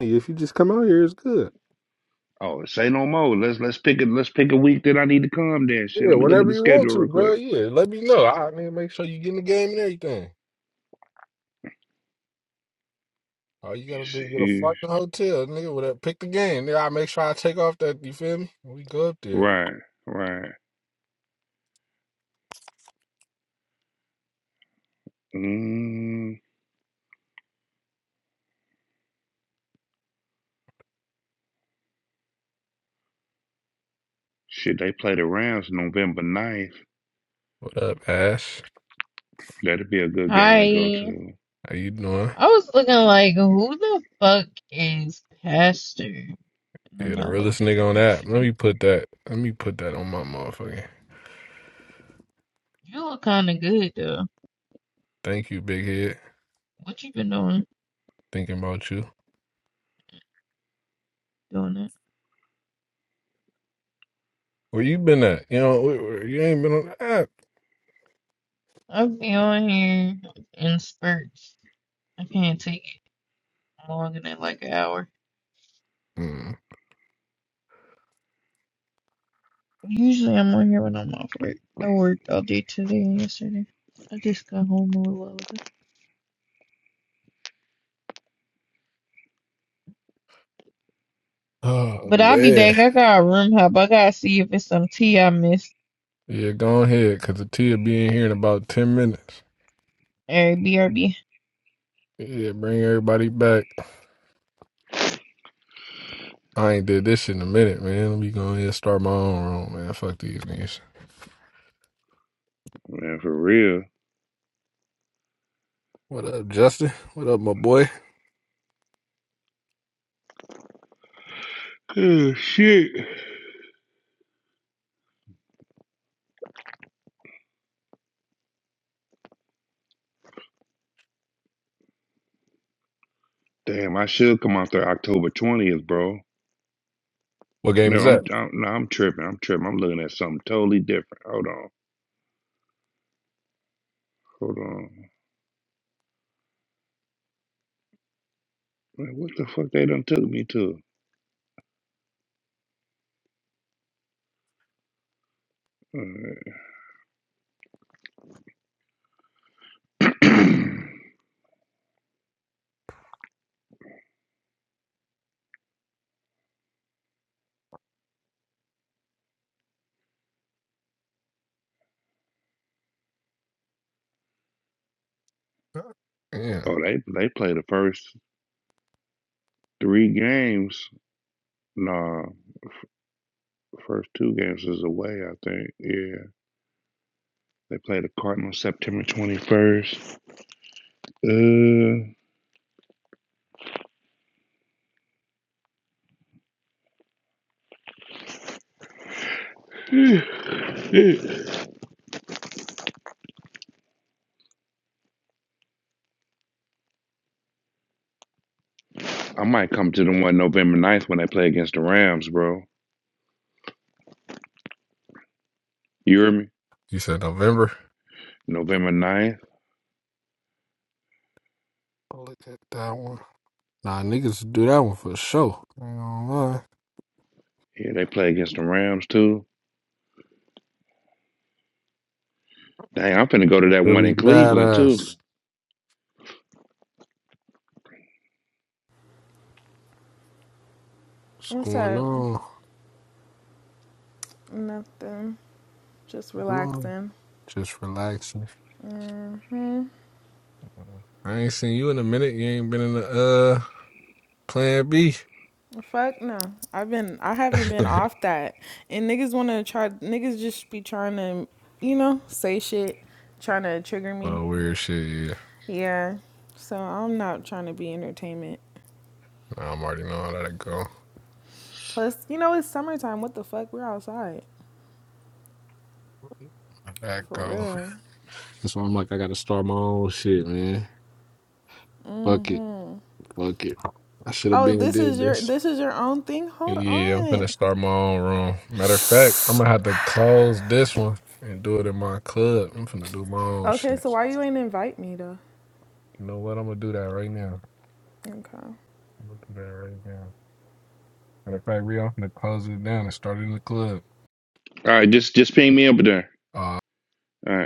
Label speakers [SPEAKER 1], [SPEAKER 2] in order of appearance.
[SPEAKER 1] Yeah, If you just come out here, it's good.
[SPEAKER 2] Oh, say no more. Let's let's pick a let's pick a week that I need to come then. Shit.
[SPEAKER 1] Yeah,
[SPEAKER 2] Let me look at
[SPEAKER 1] whenever
[SPEAKER 2] the
[SPEAKER 1] you want
[SPEAKER 2] schedule
[SPEAKER 1] to,
[SPEAKER 2] real
[SPEAKER 1] bro.
[SPEAKER 2] quick.
[SPEAKER 1] Yeah, let me know. I need to make sure you get in the game and everything. All you
[SPEAKER 2] You
[SPEAKER 1] gotta do is get a
[SPEAKER 2] see.
[SPEAKER 1] fucking hotel, nigga. Whatever. Pick the game, nigga. I make sure I take off that. You feel me? We go up there.
[SPEAKER 2] Right, right. Mm, shit, they play the Rams November ninth.
[SPEAKER 1] What up, Ash?
[SPEAKER 2] That'd be a good game to go
[SPEAKER 3] Hi.
[SPEAKER 2] to.
[SPEAKER 1] How you doing?
[SPEAKER 3] I was looking like, who the fuck is Pastor? And then
[SPEAKER 1] Yeah, the
[SPEAKER 3] I looked
[SPEAKER 1] realest
[SPEAKER 3] at your
[SPEAKER 1] nigga on
[SPEAKER 3] picture.
[SPEAKER 1] that. Let me put that. Let me put that on my motherfucking.
[SPEAKER 3] You look kind of good though.
[SPEAKER 1] Thank you, big head.
[SPEAKER 3] What you been doing?
[SPEAKER 1] Thinking about you.
[SPEAKER 3] Doing it?
[SPEAKER 1] Where you been at? You know, where- where- you ain't been on the app.
[SPEAKER 3] I've been on here in spurts. I can't take it longer than like an hour.
[SPEAKER 1] Mm.
[SPEAKER 3] Usually I'm on here when I'm off work. I worked all day today and yesterday. I just got home a little while ago.
[SPEAKER 1] Oh
[SPEAKER 3] But I'll be
[SPEAKER 1] man.
[SPEAKER 3] back. I got a room hop. I gotta see if it's some tea I missed.
[SPEAKER 1] Yeah, go ahead, cause the T'll be in here in about ten minutes.
[SPEAKER 3] Alright, BRB.
[SPEAKER 1] Yeah, bring everybody back. I ain't did this shit in a minute, man. Let me go ahead and start my own room, man. Fuck these niggas.
[SPEAKER 2] Man, for real.
[SPEAKER 1] What up, Justin? What up, my boy?
[SPEAKER 2] Good shit. Damn, I should come out there October 20th, bro.
[SPEAKER 1] What game
[SPEAKER 2] No,
[SPEAKER 1] is
[SPEAKER 2] I'm,
[SPEAKER 1] that?
[SPEAKER 2] I'm no, I'm tripping. I'm tripping. I'm looking at something totally different. Hold on. Hold on. Man, what the fuck they done took me to? All right.
[SPEAKER 1] Yeah.
[SPEAKER 2] oh, they they play the first. Three games. Nah, first two games is away, I think. Yeah. They play the Cardinals September 21st. Uh, I might come to the one November ninth when they play against the Rams, bro. You hear me?
[SPEAKER 1] You said November?
[SPEAKER 2] November ninth,
[SPEAKER 1] i Look at that one. Nah, niggas do that one for sure. I ain't gonna lie.
[SPEAKER 2] Yeah, they play against the Rams, too. Dang, I'm finna go to that one
[SPEAKER 1] Really
[SPEAKER 2] in Cleveland, too.
[SPEAKER 1] badass. What's
[SPEAKER 4] What's
[SPEAKER 1] going
[SPEAKER 4] up?
[SPEAKER 1] on?
[SPEAKER 4] Nothing. Just
[SPEAKER 1] Doing?
[SPEAKER 4] relaxing.
[SPEAKER 1] Just relaxing.
[SPEAKER 4] Mm,
[SPEAKER 1] I ain't seen you in a minute. You ain't been in the uh plan B.
[SPEAKER 4] fuck no. I've been I haven't been off that. And niggas wanna try niggas just be trying to, you know, say shit, trying to trigger me.
[SPEAKER 1] oh, weird shit, yeah.
[SPEAKER 4] Yeah. So I'm not trying to be entertainment.
[SPEAKER 1] Nah, I'm already know how that go.
[SPEAKER 4] Plus, you know, it's summertime. What the fuck? We're outside.
[SPEAKER 1] That
[SPEAKER 4] For
[SPEAKER 1] go.
[SPEAKER 4] real.
[SPEAKER 1] That's why I'm like, I gotta start my own shit, man. Fuck it. Fuck it. I should have
[SPEAKER 4] Oh,
[SPEAKER 1] been
[SPEAKER 4] this
[SPEAKER 1] did
[SPEAKER 4] is your
[SPEAKER 1] this.
[SPEAKER 4] this is your own thing? Hold
[SPEAKER 1] Yeah, I'm finna
[SPEAKER 4] on.
[SPEAKER 1] start my own room. Matter of fact, I'm gonna have to close this one and do it in my club. I'm finna do my own
[SPEAKER 4] Okay, so
[SPEAKER 1] shit.
[SPEAKER 4] why you ain't invite me though?
[SPEAKER 1] You know what? I'm gonna do that right now.
[SPEAKER 4] Okay.
[SPEAKER 1] I'm gonna do that right now. Matter of fact, Rio, i finna close it down and start it in the club.
[SPEAKER 2] All right, just just ping me up there.
[SPEAKER 1] Uh,
[SPEAKER 2] All right.